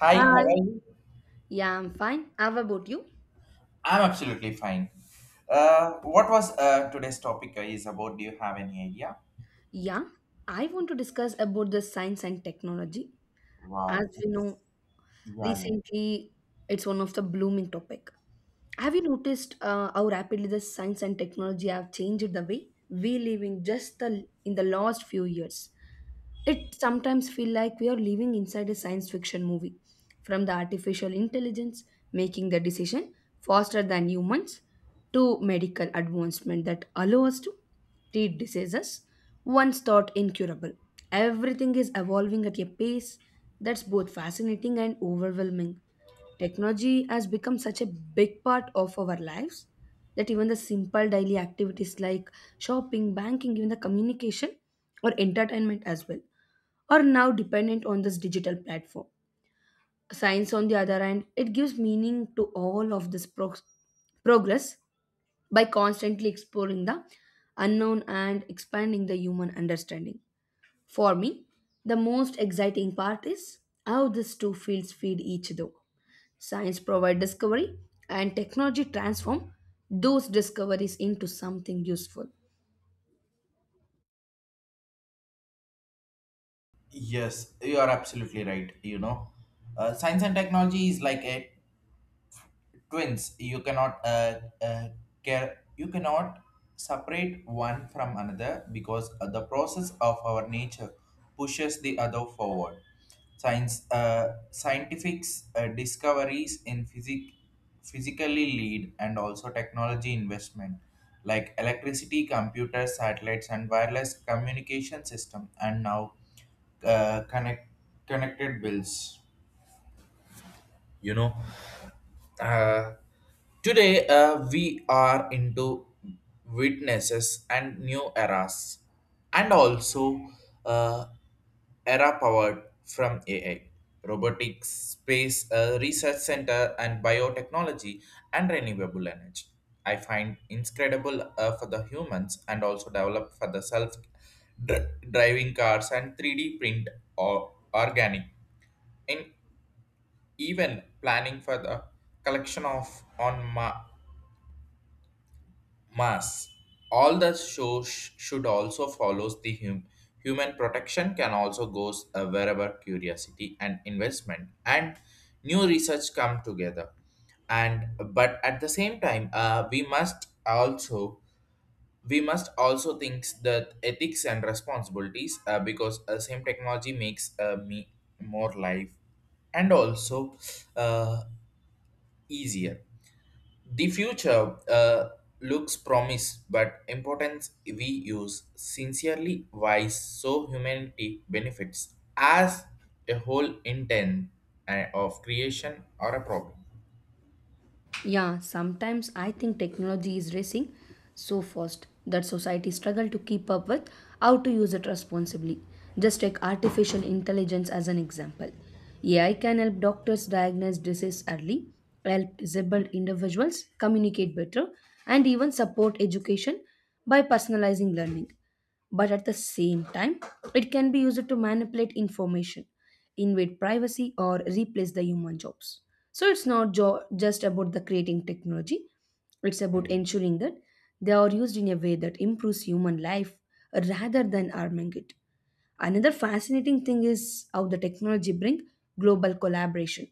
Hi, how Hi. are you? Yeah, I'm fine. How about you? I'm absolutely fine. What was today's topic is about? Do you have any idea? Yeah, I want to discuss about the science and technology. Wow. As we know, Yeah, yeah. recently it's one of the blooming topic. Have you noticed how rapidly the science and technology have changed the way we live in just the in the last few years? It sometimes feel like we are living inside a science fiction movie, from the artificial intelligence making the decision faster than humans, to medical advancement that allow us to treat diseases once thought incurable. Everything is evolving at a pace that's both fascinating and overwhelming. Technology has become such a big part of our lives that even the simple daily activities like shopping, banking, even the communication or entertainment as well are now dependent on this digital platform. Science, on the other hand, it gives meaning to all of this progress by constantly exploring the unknown and expanding the human understanding. For me, the most exciting part is how these two fields feed each other. Science provides discovery and technology transforms those discoveries into something useful. Yes, you are absolutely right. You know, science and technology is like a twins you cannot care you cannot separate one from another because the process of our nature pushes the other forward science scientific discoveries in physically lead and also technology investment like electricity computers satellites and wireless communication system and now uh, connect connected bills you know uh, today, we are into witnesses and new eras, and also uh, era powered from AI, robotics, space research center, and biotechnology and renewable energy. I find incredible for the humans and also developed for the self driving cars and 3D print or organic in even planning for the collection of mass. All the shows should also follows the human protection can also goes wherever curiosity and investment and new research come together. And but at the same time, we must also think that ethics and responsibilities because same technology makes me more life and also uh, easier. The future looks promise, but importance we use sincerely wise so humanity benefits as a whole intent of creation or a problem. Yeah, sometimes I think technology is racing so fast that society struggle to keep up with how to use it responsibly. Just take artificial intelligence as an example. AI can help doctors diagnose disease early, help disabled individuals communicate better, and even support education by personalizing learning. But at the same time, it can be used to manipulate information, invade privacy, or replace the human jobs. So it's not just about the creating technology, it's about ensuring that they are used in a way that improves human life rather than harming it. Another fascinating thing is how the technology brings global collaboration.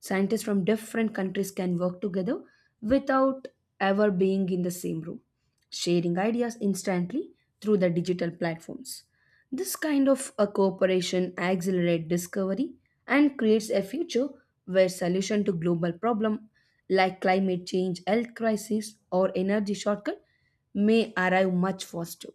Scientists from different countries can work together without ever being in the same room, sharing ideas instantly through the digital platforms. This kind of a cooperation accelerates discovery and creates a future where solution to global problem like climate change, health crisis or energy shortcut may arrive much faster.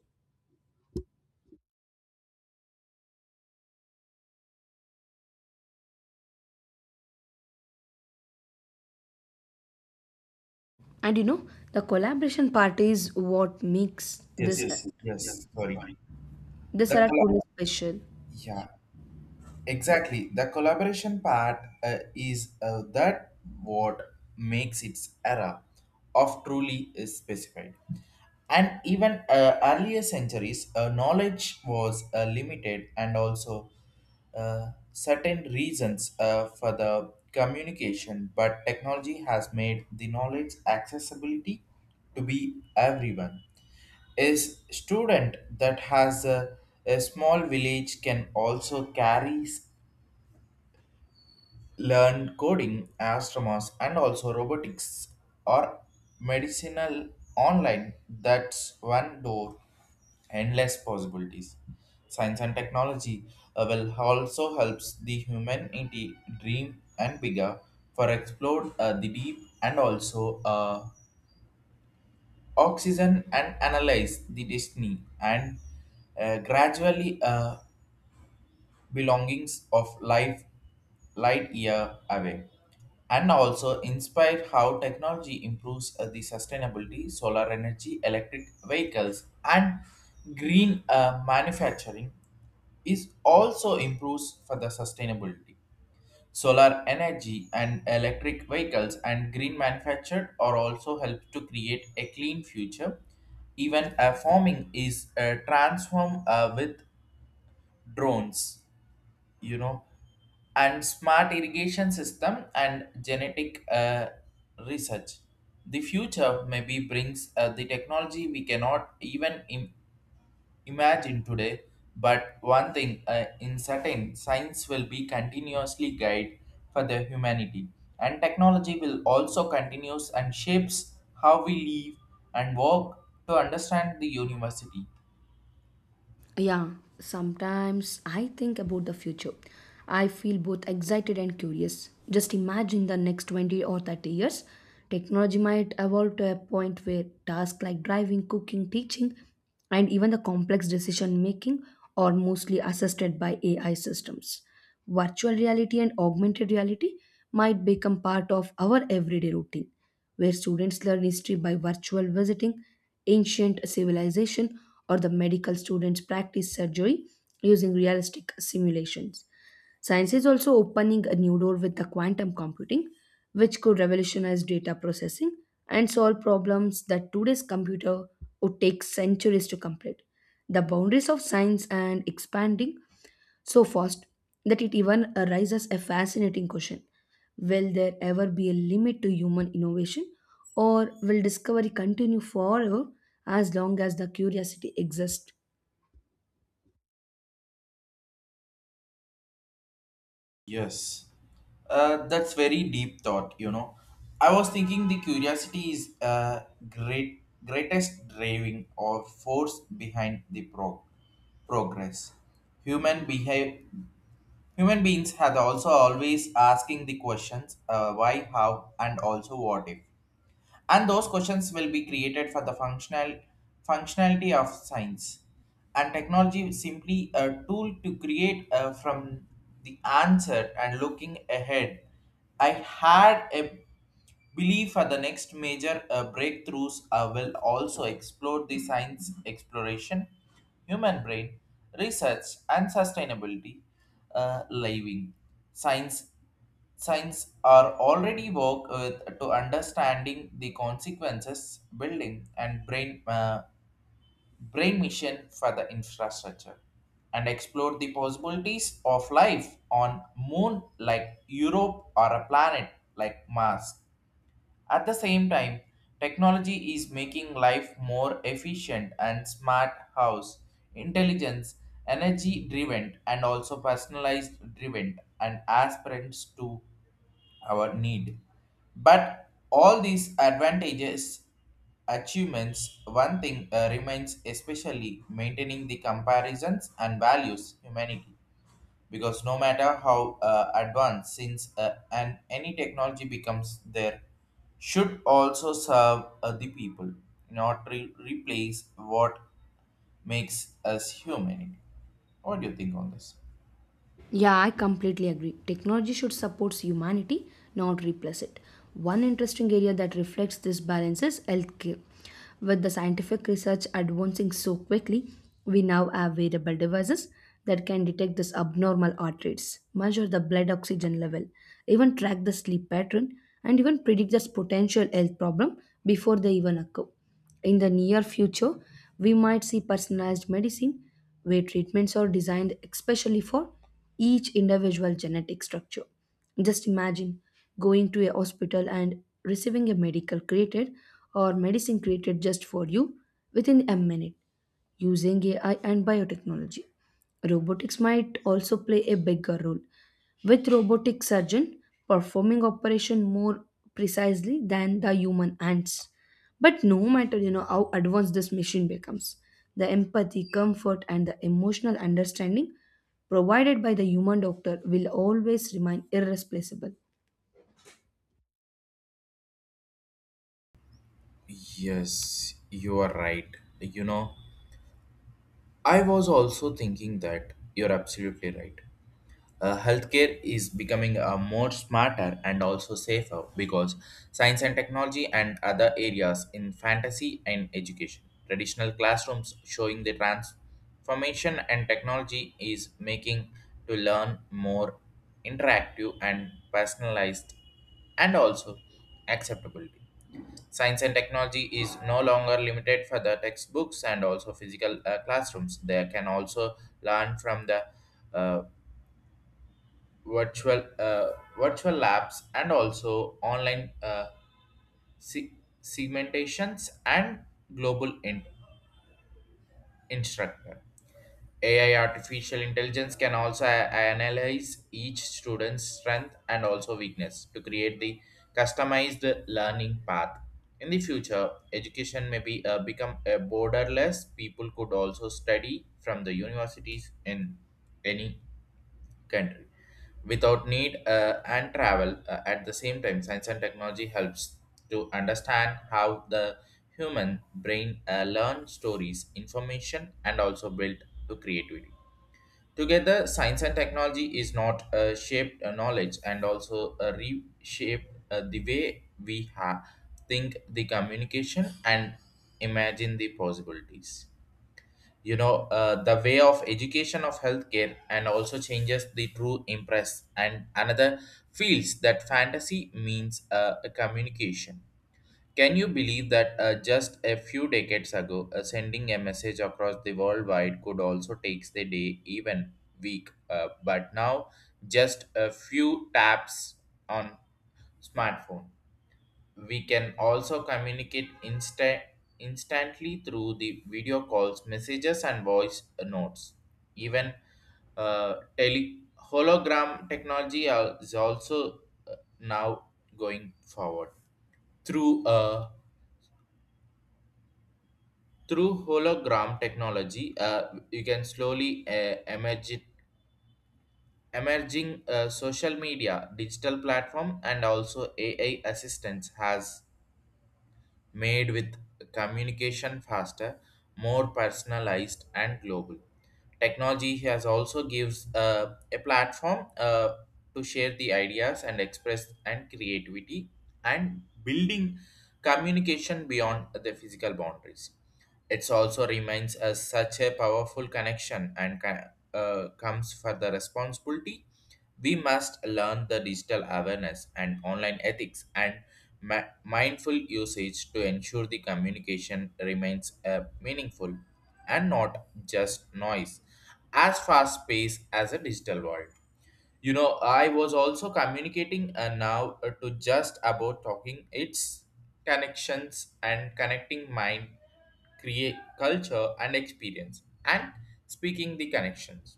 And you know, the collaboration part is what makes Yes, yes, this yes. Sorry, this the era colla- truly special. yeah, exactly. The collaboration part is that what makes its era of truly is specified. And even earlier centuries, knowledge was limited and also certain reasons for the communication, but technology has made the knowledge accessibility to be everyone. A student that has a small village can also carries learned coding, astronomers, and also robotics or medicinal online. That's one door, endless possibilities. Science and technology will also helps the humanity dream and bigger for explore the deep and also oxygen and analyze the destiny and gradually belongings of life light year away and also inspire how technology improves the sustainability solar energy electric vehicles and green manufacturing is also improves for the sustainability solar energy and electric vehicles and green manufactured are also help to create a clean future even farming is transformed with drones, you know, and smart irrigation system and genetic research. The future maybe brings the technology we cannot even imagine today, but one thing in certain science will be continuously guide for the humanity and technology will also continues and shapes how we live and work to understand the university. Yeah, sometimes I think about the future. I feel both excited and curious. Just imagine the next 20 or 30 years. Technology might evolve to a point where tasks like driving, cooking, teaching, and even the complex decision making are mostly assisted by AI systems. Virtual reality and augmented reality might become part of our everyday routine, where students learn history by virtual visiting ancient civilization, or the medical students practice surgery using realistic simulations. Science is also opening a new door with the quantum computing, which could revolutionize data processing and solve problems that today's computer would take centuries to complete. The boundaries of science and expanding so fast that it even raises a fascinating question. Will there ever be a limit to human innovation, or will discovery continue forever as long as the curiosity exists? Yes, that's very deep thought. You know, I was thinking the curiosity is uh, greatest driving or force behind the progress. Human behave human beings have also always asking the questions why, how, and also what if, and those questions will be created for the functionality of science and technology is simply a tool to create from the answer and looking ahead. I had a belief for the next major breakthroughs will also explore the science exploration human brain research and sustainability living science. Science are already work with to understanding the consequences, building and brain uh, mission for the infrastructure, and explore the possibilities of life on Moon like Europe or a planet like Mars. At the same time, technology is making life more efficient and smart. House intelligence, energy driven, and also personalized driven, and aspirants to our need. But all these advantages, achievements, one thing remains especially maintaining the comparisons and values humanity. Because no matter how advanced, since and any technology becomes there, should also serve the people, not replace what makes us human. What do you think on this? Yeah, I completely agree. Technology should support humanity, not replace it. One interesting area that reflects this balance is healthcare. With the scientific research advancing so quickly, we now have wearable devices that can detect this abnormal heart rates, measure the blood oxygen level, even track the sleep pattern, and even predict this potential health problem before they even occur. In the near future, we might see personalized medicine where treatments are designed especially for each individual genetic structure. Just imagine going to a hospital and receiving a medical created or medicine created just for you within a minute using AI and biotechnology. Robotics might also play a bigger role, with robotic surgeon performing operation more precisely than the human hands. But no matter how advanced this machine becomes, the empathy, comfort, and the emotional understanding provided by the human doctor will always remain irreplaceable. Yes, you are right. You know, I was also thinking that you're absolutely right. Healthcare is becoming more smarter and also safer because science and technology and other areas in fantasy and education. Traditional classrooms showing the transformation and technology is making to learn more interactive and personalized and also acceptability. Science and technology is no longer limited for the textbooks and also physical classrooms. They can also learn from the uh, uh, virtual labs and also online se- segmentations and global instructor. AI artificial intelligence can also analyze each student's strength and also weakness to create the customized learning path. In the future, education may be become a borderless. People could also study from the universities in any country without need and travel. At the same time, science and technology helps to understand how the human brain learn stories, information, and also build to creativity. Together, science and technology is not shaped knowledge and also reshaped the way we think the communication and imagine the possibilities. You know, the way of education of healthcare and also changes the true impress and another feels that fantasy means a communication. Can you believe that just a few decades ago, sending a message across the worldwide could also take the day, even week? But now, just a few taps on smartphone, we can also communicate instantly through the video calls, messages, and voice notes. Even tele hologram technology is also now going forward through a. Through hologram technology, you can slowly emerging social media, digital platform, and also AI assistance has made with communication faster, more personalized, and global. Technology has also gives a platform to share the ideas and express and creativity and building communication beyond the physical boundaries. It also reminds us such a powerful connection and comes for the responsibility. We must learn the digital awareness and online ethics and mindful usage to ensure the communication remains meaningful and not just noise as fast paced as a digital world. You know, I was also communicating and now to just about talking its connections and connecting mind create culture and experience and speaking the connections.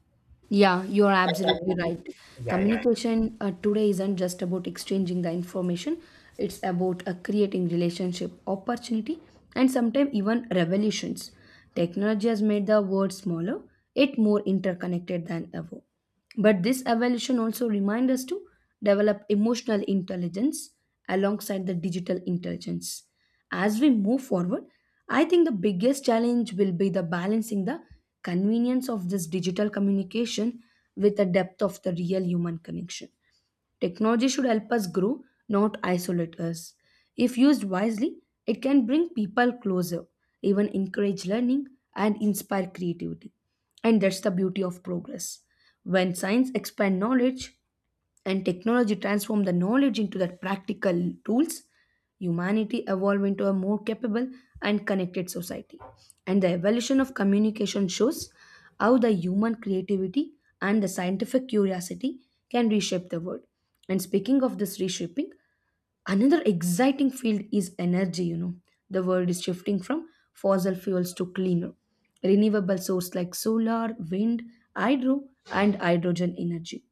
Yeah, you're absolutely right. Yeah. Yeah, yeah. Communication today isn't just about exchanging the information, it's about creating relationship, opportunity, and sometimes even revolutions. Technology has made the world smaller, yet more interconnected than ever. But this evolution also reminds us to develop emotional intelligence alongside the digital intelligence. As we move forward, I think the biggest challenge will be the balancing the convenience of this digital communication with the depth of the real human connection. Technology should help us grow, not isolate us. If used wisely, it can bring people closer, even encourage learning and inspire creativity. And that's the beauty of progress. When science expand knowledge and technology transform the knowledge into the practical tools, humanity evolved into a more capable and connected society. And the evolution of communication shows how the human creativity and the scientific curiosity can reshape the world. And speaking of this reshaping, another exciting field is energy, you know. The world is shifting from fossil fuels to cleaner, renewable sources like solar, wind, hydro, and hydrogen energy.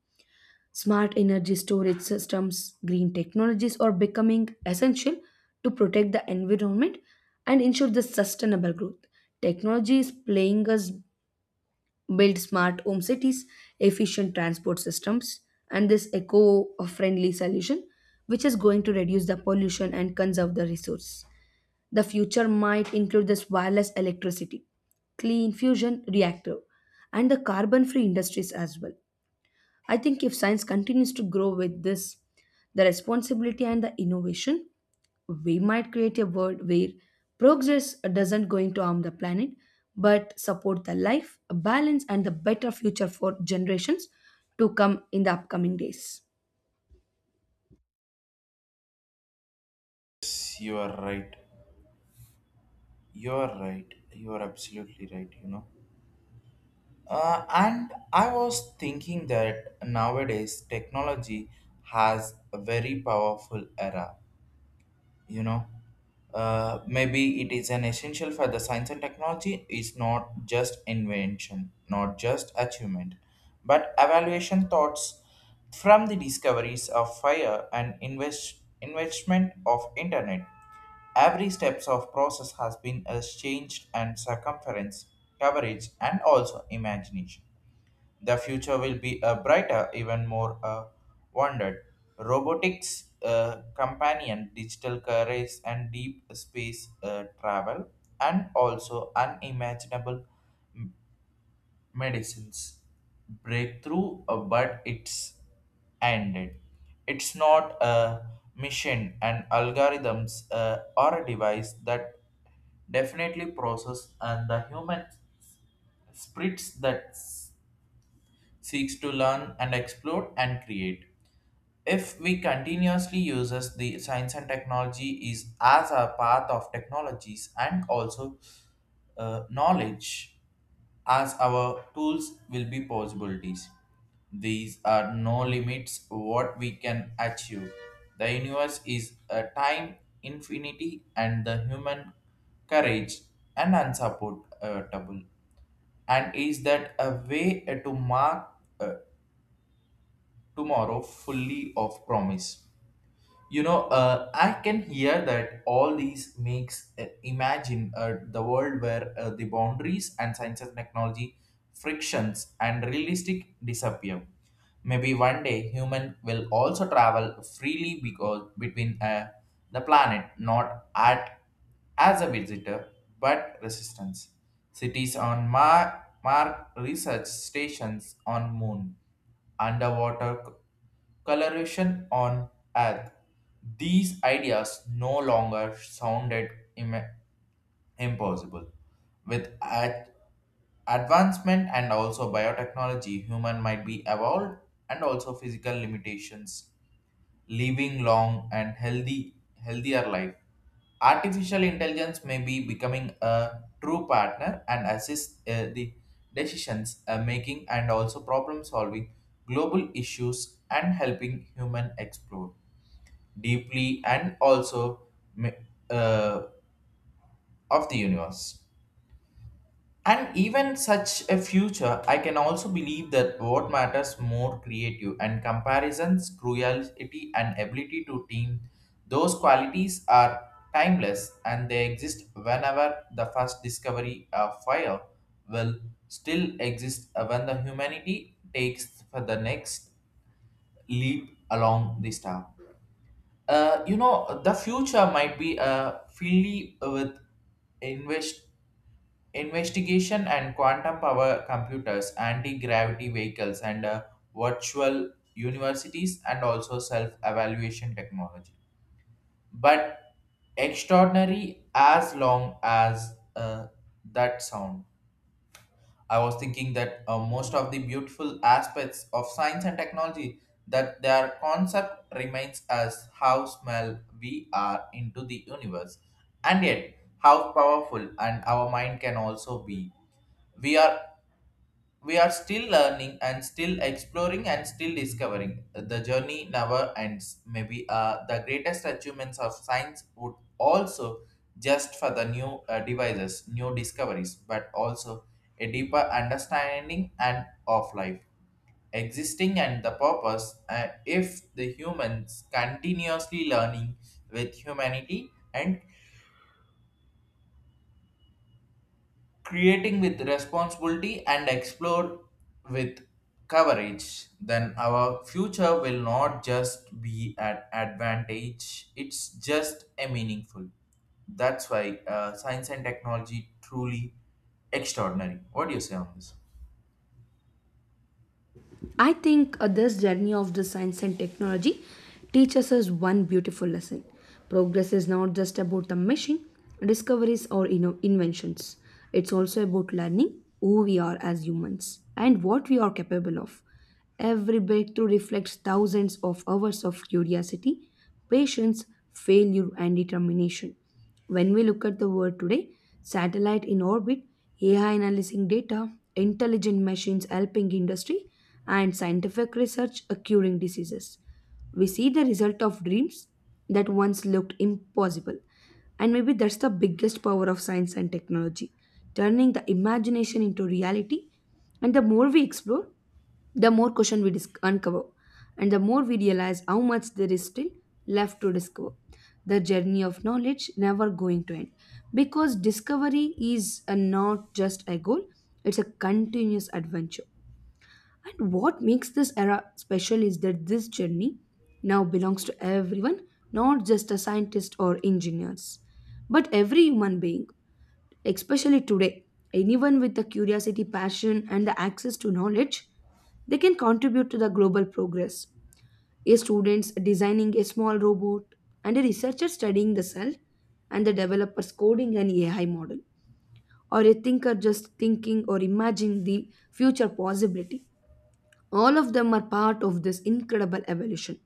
Smart energy storage systems, green technologies are becoming essential to protect the environment and ensure the sustainable growth. Technology is playing us build smart home cities, efficient transport systems, and this eco-friendly solution, which is going to reduce the pollution and conserve the resource. The future might include this wireless electricity, clean fusion reactor, and the carbon-free industries as well. I think if science continues to grow with this, the responsibility and the innovation, we might create a world where progress doesn't going to harm the planet but support the life, balance and the better future for generations to come in the upcoming days. Yes, you are right. You are right. You are absolutely right, you know. And I was thinking that nowadays technology has a very powerful era. You know, maybe it is an essential for the science and technology is not just invention not just achievement but evaluation thoughts from the discoveries of fire and investment of internet. Every steps of process has been as changed and circumference coverage and also imagination. The future will be a brighter, even more wondered. Robotics, companion, digital careers, and deep space travel, and also unimaginable medicines. Breakthrough, but it's ended. It's not a machine and algorithms or a device that definitely process and the human spirits that seeks to learn and explore and create. If we continuously uses the science and technology is as a path of technologies and also knowledge as our tools will be possibilities. These are no limits what we can achieve. The universe is a time infinity and the human courage and unsupportable. And is that a way to mark uh, tomorrow fully of promise. You know, I can hear that all these makes imagine the world where the boundaries and science and technology frictions and realistic disappear. Maybe one day human will also travel freely because between the planet, not at as a visitor but resistance. Cities on Mars, research stations on Moon underwater coloration on Earth. These ideas no longer sounded im- impossible. With advancement and also biotechnology, human might be evolved and also physical limitations living long and healthy healthier life. Artificial intelligence may be becoming a true partner and assist the decisions making and also problem solving global issues and helping human explore deeply and also ma- uh, of the universe. And even such a future, I can also believe that what matters more creative and comparisons, cruelty, and ability to team, those qualities are timeless and they exist whenever the first discovery of fire will still exist when the humanity takes for the next leap along the star. You know, the future might be filled with invest investigation and quantum power computers, anti gravity vehicles, and virtual universities, and also self evaluation technology. But extraordinary as long as that sound. I was thinking that most of the beautiful aspects of science and technology that their concept remains as how small we are into the universe, and yet how powerful and our mind can also be. We are we are still learning and still exploring and still discovering. The journey never ends. Maybe the greatest achievements of science would also just for the new devices, new discoveries, but also a deeper understanding and of life existing and the purpose if the humans continuously learning with humanity and creating with responsibility and explore with coverage, then our future will not just be an advantage, it's just a meaningful. That's why science and technology truly extraordinary. What do you say on this? I think this journey of the science and technology teaches us one beautiful lesson. Progress is not just about the machine, discoveries or you know, inventions. It's also about learning who we are as humans and what we are capable of. Every breakthrough reflects thousands of hours of curiosity, patience, failure, and determination. When we look at the world today, satellite in orbit, AI analyzing data, intelligent machines helping industry, and scientific research curing diseases. We see the result of dreams that once looked impossible. And maybe that's the biggest power of science and technology, turning the imagination into reality. And the more we explore, the more question we uncover, and the more we realize how much there is still left to discover. The journey of knowledge never going to end because discovery is a not just a goal, it's a continuous adventure. And what makes this era special is that this journey now belongs to everyone, not just a scientist or engineers, but every human being. Especially today, anyone with the curiosity, passion, and the access to knowledge, they can contribute to the global progress. A student designing a small robot, and a researcher studying the cell, and the developers coding an AI model, or a thinker just thinking or imagining the future possibility. All of them are part of this incredible evolution.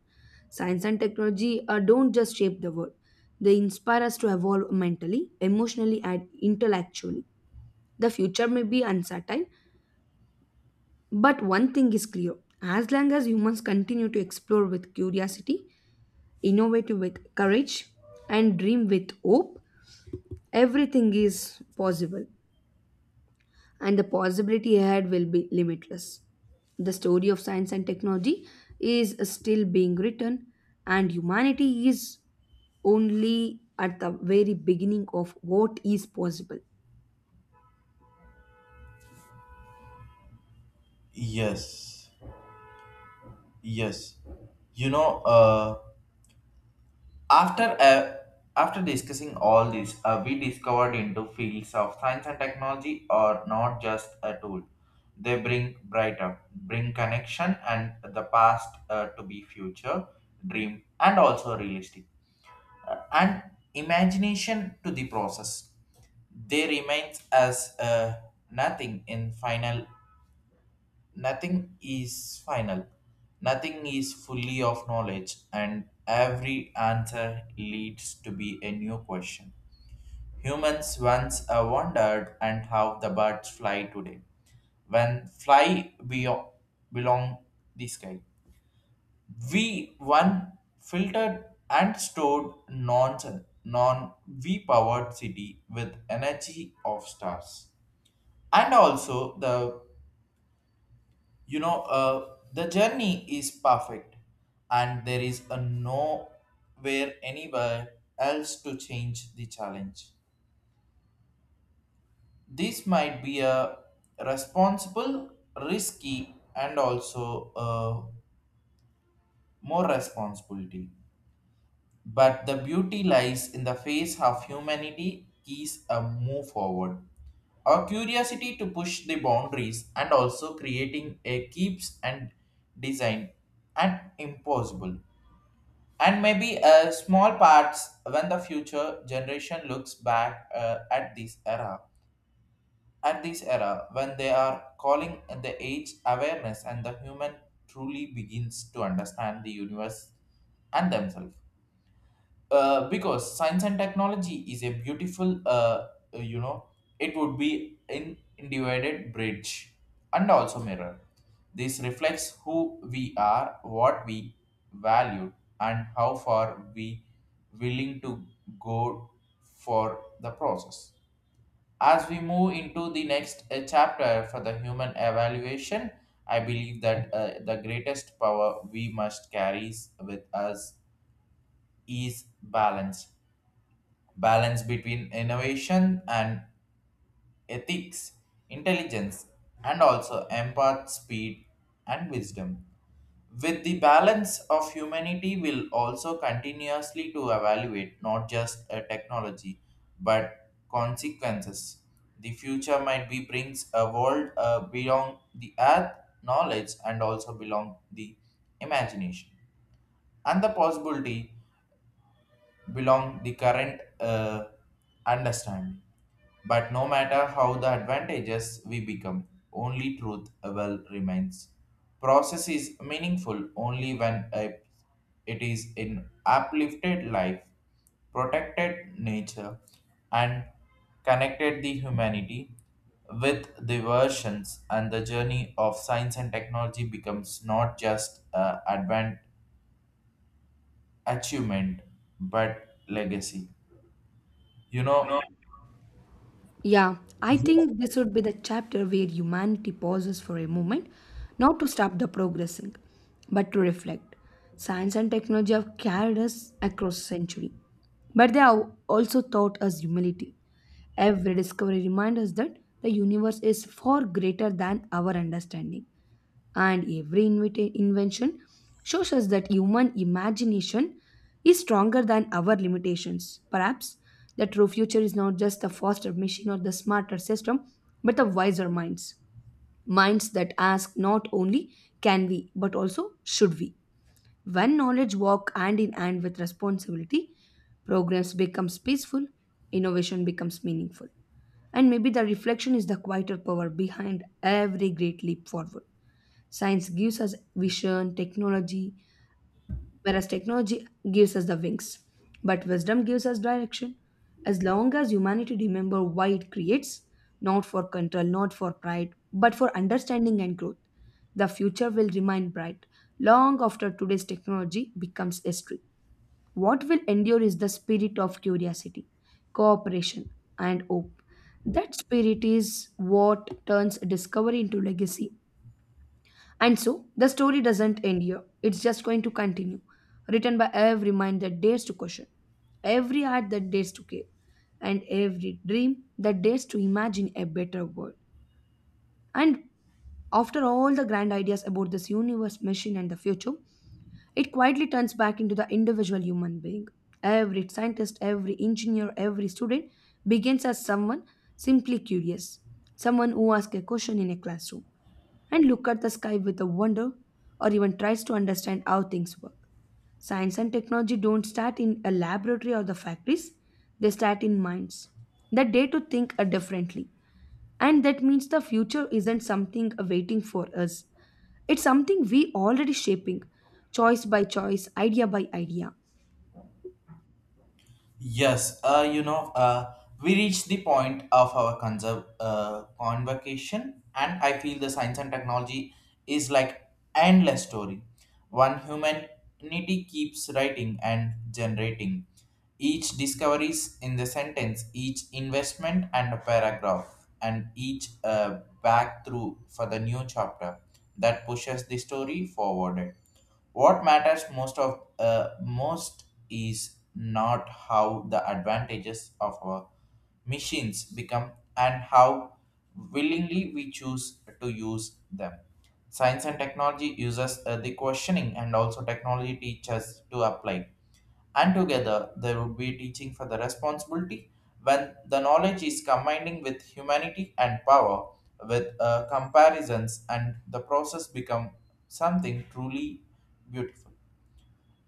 Science and technology don't just shape the world, they inspire us to evolve mentally, emotionally, and intellectually. The future may be uncertain, but one thing is clear: as long as humans continue to explore with curiosity, innovate with courage, and dream with hope, everything is possible, and the possibility ahead will be limitless. The story of science and technology is still being written, and humanity is only at the very beginning of what is possible. Yes, yes. You know, uh, After uh, after discussing all this, we discovered into fields of science and technology are not just a tool. They bring brighter, bring connection and the past to be future, dream and also realistic, and imagination to the process. They remains as nothing in final nothing is final nothing is fully of knowledge, and every answer leads to be a new question. Humans once wondered and how the birds fly today, when fly beyond, belong the sky, we one filtered and stored non v powered city with energy of stars, and also the the journey is perfect, and there is a nowhere anywhere else to change the challenge. This might be a responsible, risky, and also more responsibility, but the beauty lies in the face of humanity is a move forward, our curiosity to push the boundaries and also creating a keeps and design and impossible. And maybe small parts when the future generation looks back at this era when they are calling the age awareness, and the human truly begins to understand the universe and themselves, because science and technology is a beautiful uh, you know it would be in divided bridge and also mirror. This reflects who we are, what we value, and how far we willing to go for the process. As we move into the next chapter for the human evaluation, I believe that the greatest power we must carry with us is balance. Balance between innovation and ethics, intelligence, and also empath speed and wisdom. With the balance of humanity will also continuously to evaluate not just a technology but consequences. The future might be brings a world beyond the earth knowledge and also belong the imagination and the possibility belong the current understanding. But no matter how the advantages we become, only truth will remains. Process is meaningful only when it is in uplifted life, protected nature, and connected the humanity with the versions, and the journey of science and technology becomes not just advent achievement but legacy. You know, Yeah, I y- think this would be the chapter where humanity pauses for a moment, not to stop the progressing, but to reflect. Science and technology have carried us across century, but they have also taught us humility. Every discovery reminds us that the universe is far greater than our understanding, and every invention shows us that human imagination is stronger than our limitations. Perhaps the true future is not just the faster machine or the smarter system, but the wiser minds. Minds that ask not only can we, but also should we. When knowledge walk hand in hand with responsibility, progress becomes peaceful, innovation becomes meaningful. And maybe the reflection is the quieter power behind every great leap forward. Science gives us vision, technology, whereas technology gives us the wings. But wisdom gives us direction. As long as humanity remember why it creates, not for control, not for pride, but for understanding and growth, the future will remain bright long after today's technology becomes history. What will endure is the spirit of curiosity, cooperation, and hope. That spirit is what turns discovery into legacy, and so, the story doesn't end here. It's just going to continue, written by every mind that dares to question, every heart that dares to care, and every dream that dares to imagine a better world. And after all the grand ideas about this universe, machine, and the future, it quietly turns back into the individual human being. Every scientist, every engineer, every student begins as someone simply curious, someone who asks a question in a classroom and look at the sky with a wonder, or even tries to understand how things work. Science and technology don't start in a laboratory or the factories, they start in minds. That day to think differently. And that means the future isn't something waiting for us. It's something we already shaping, choice by choice, idea by idea. yes, we reached the point of our convocation, and I feel the science and technology is like endless story. One humanity keeps writing and generating each discoveries in the sentence, each investment and a paragraph, and each back through for the new chapter that pushes the story forward. What matters most is not how the advantages of our machines become and how willingly we choose to use them. Science and technology uses the questioning, and also technology teaches to apply, and together they would be teaching for the responsibility. When the knowledge is combining with humanity and power with comparisons, and the process become something truly beautiful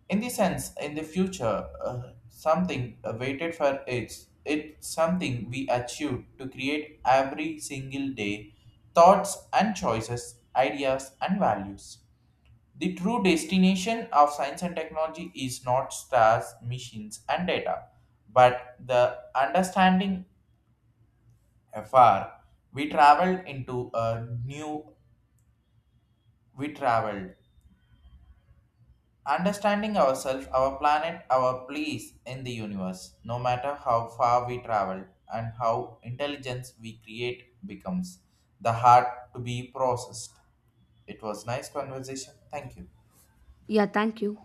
in the sense. In the future something waited for its, it something we achieve to create every single day, thoughts and choices, ideas and values. The true destination of science and technology is not stars, machines, and data, but the understanding. Afar we traveled into a new, we traveled understanding ourselves, our planet, our place in the universe. No matter how far we travel and how intelligence we create becomes the heart to be processed. It was nice conversation, thank you. Yeah, thank you.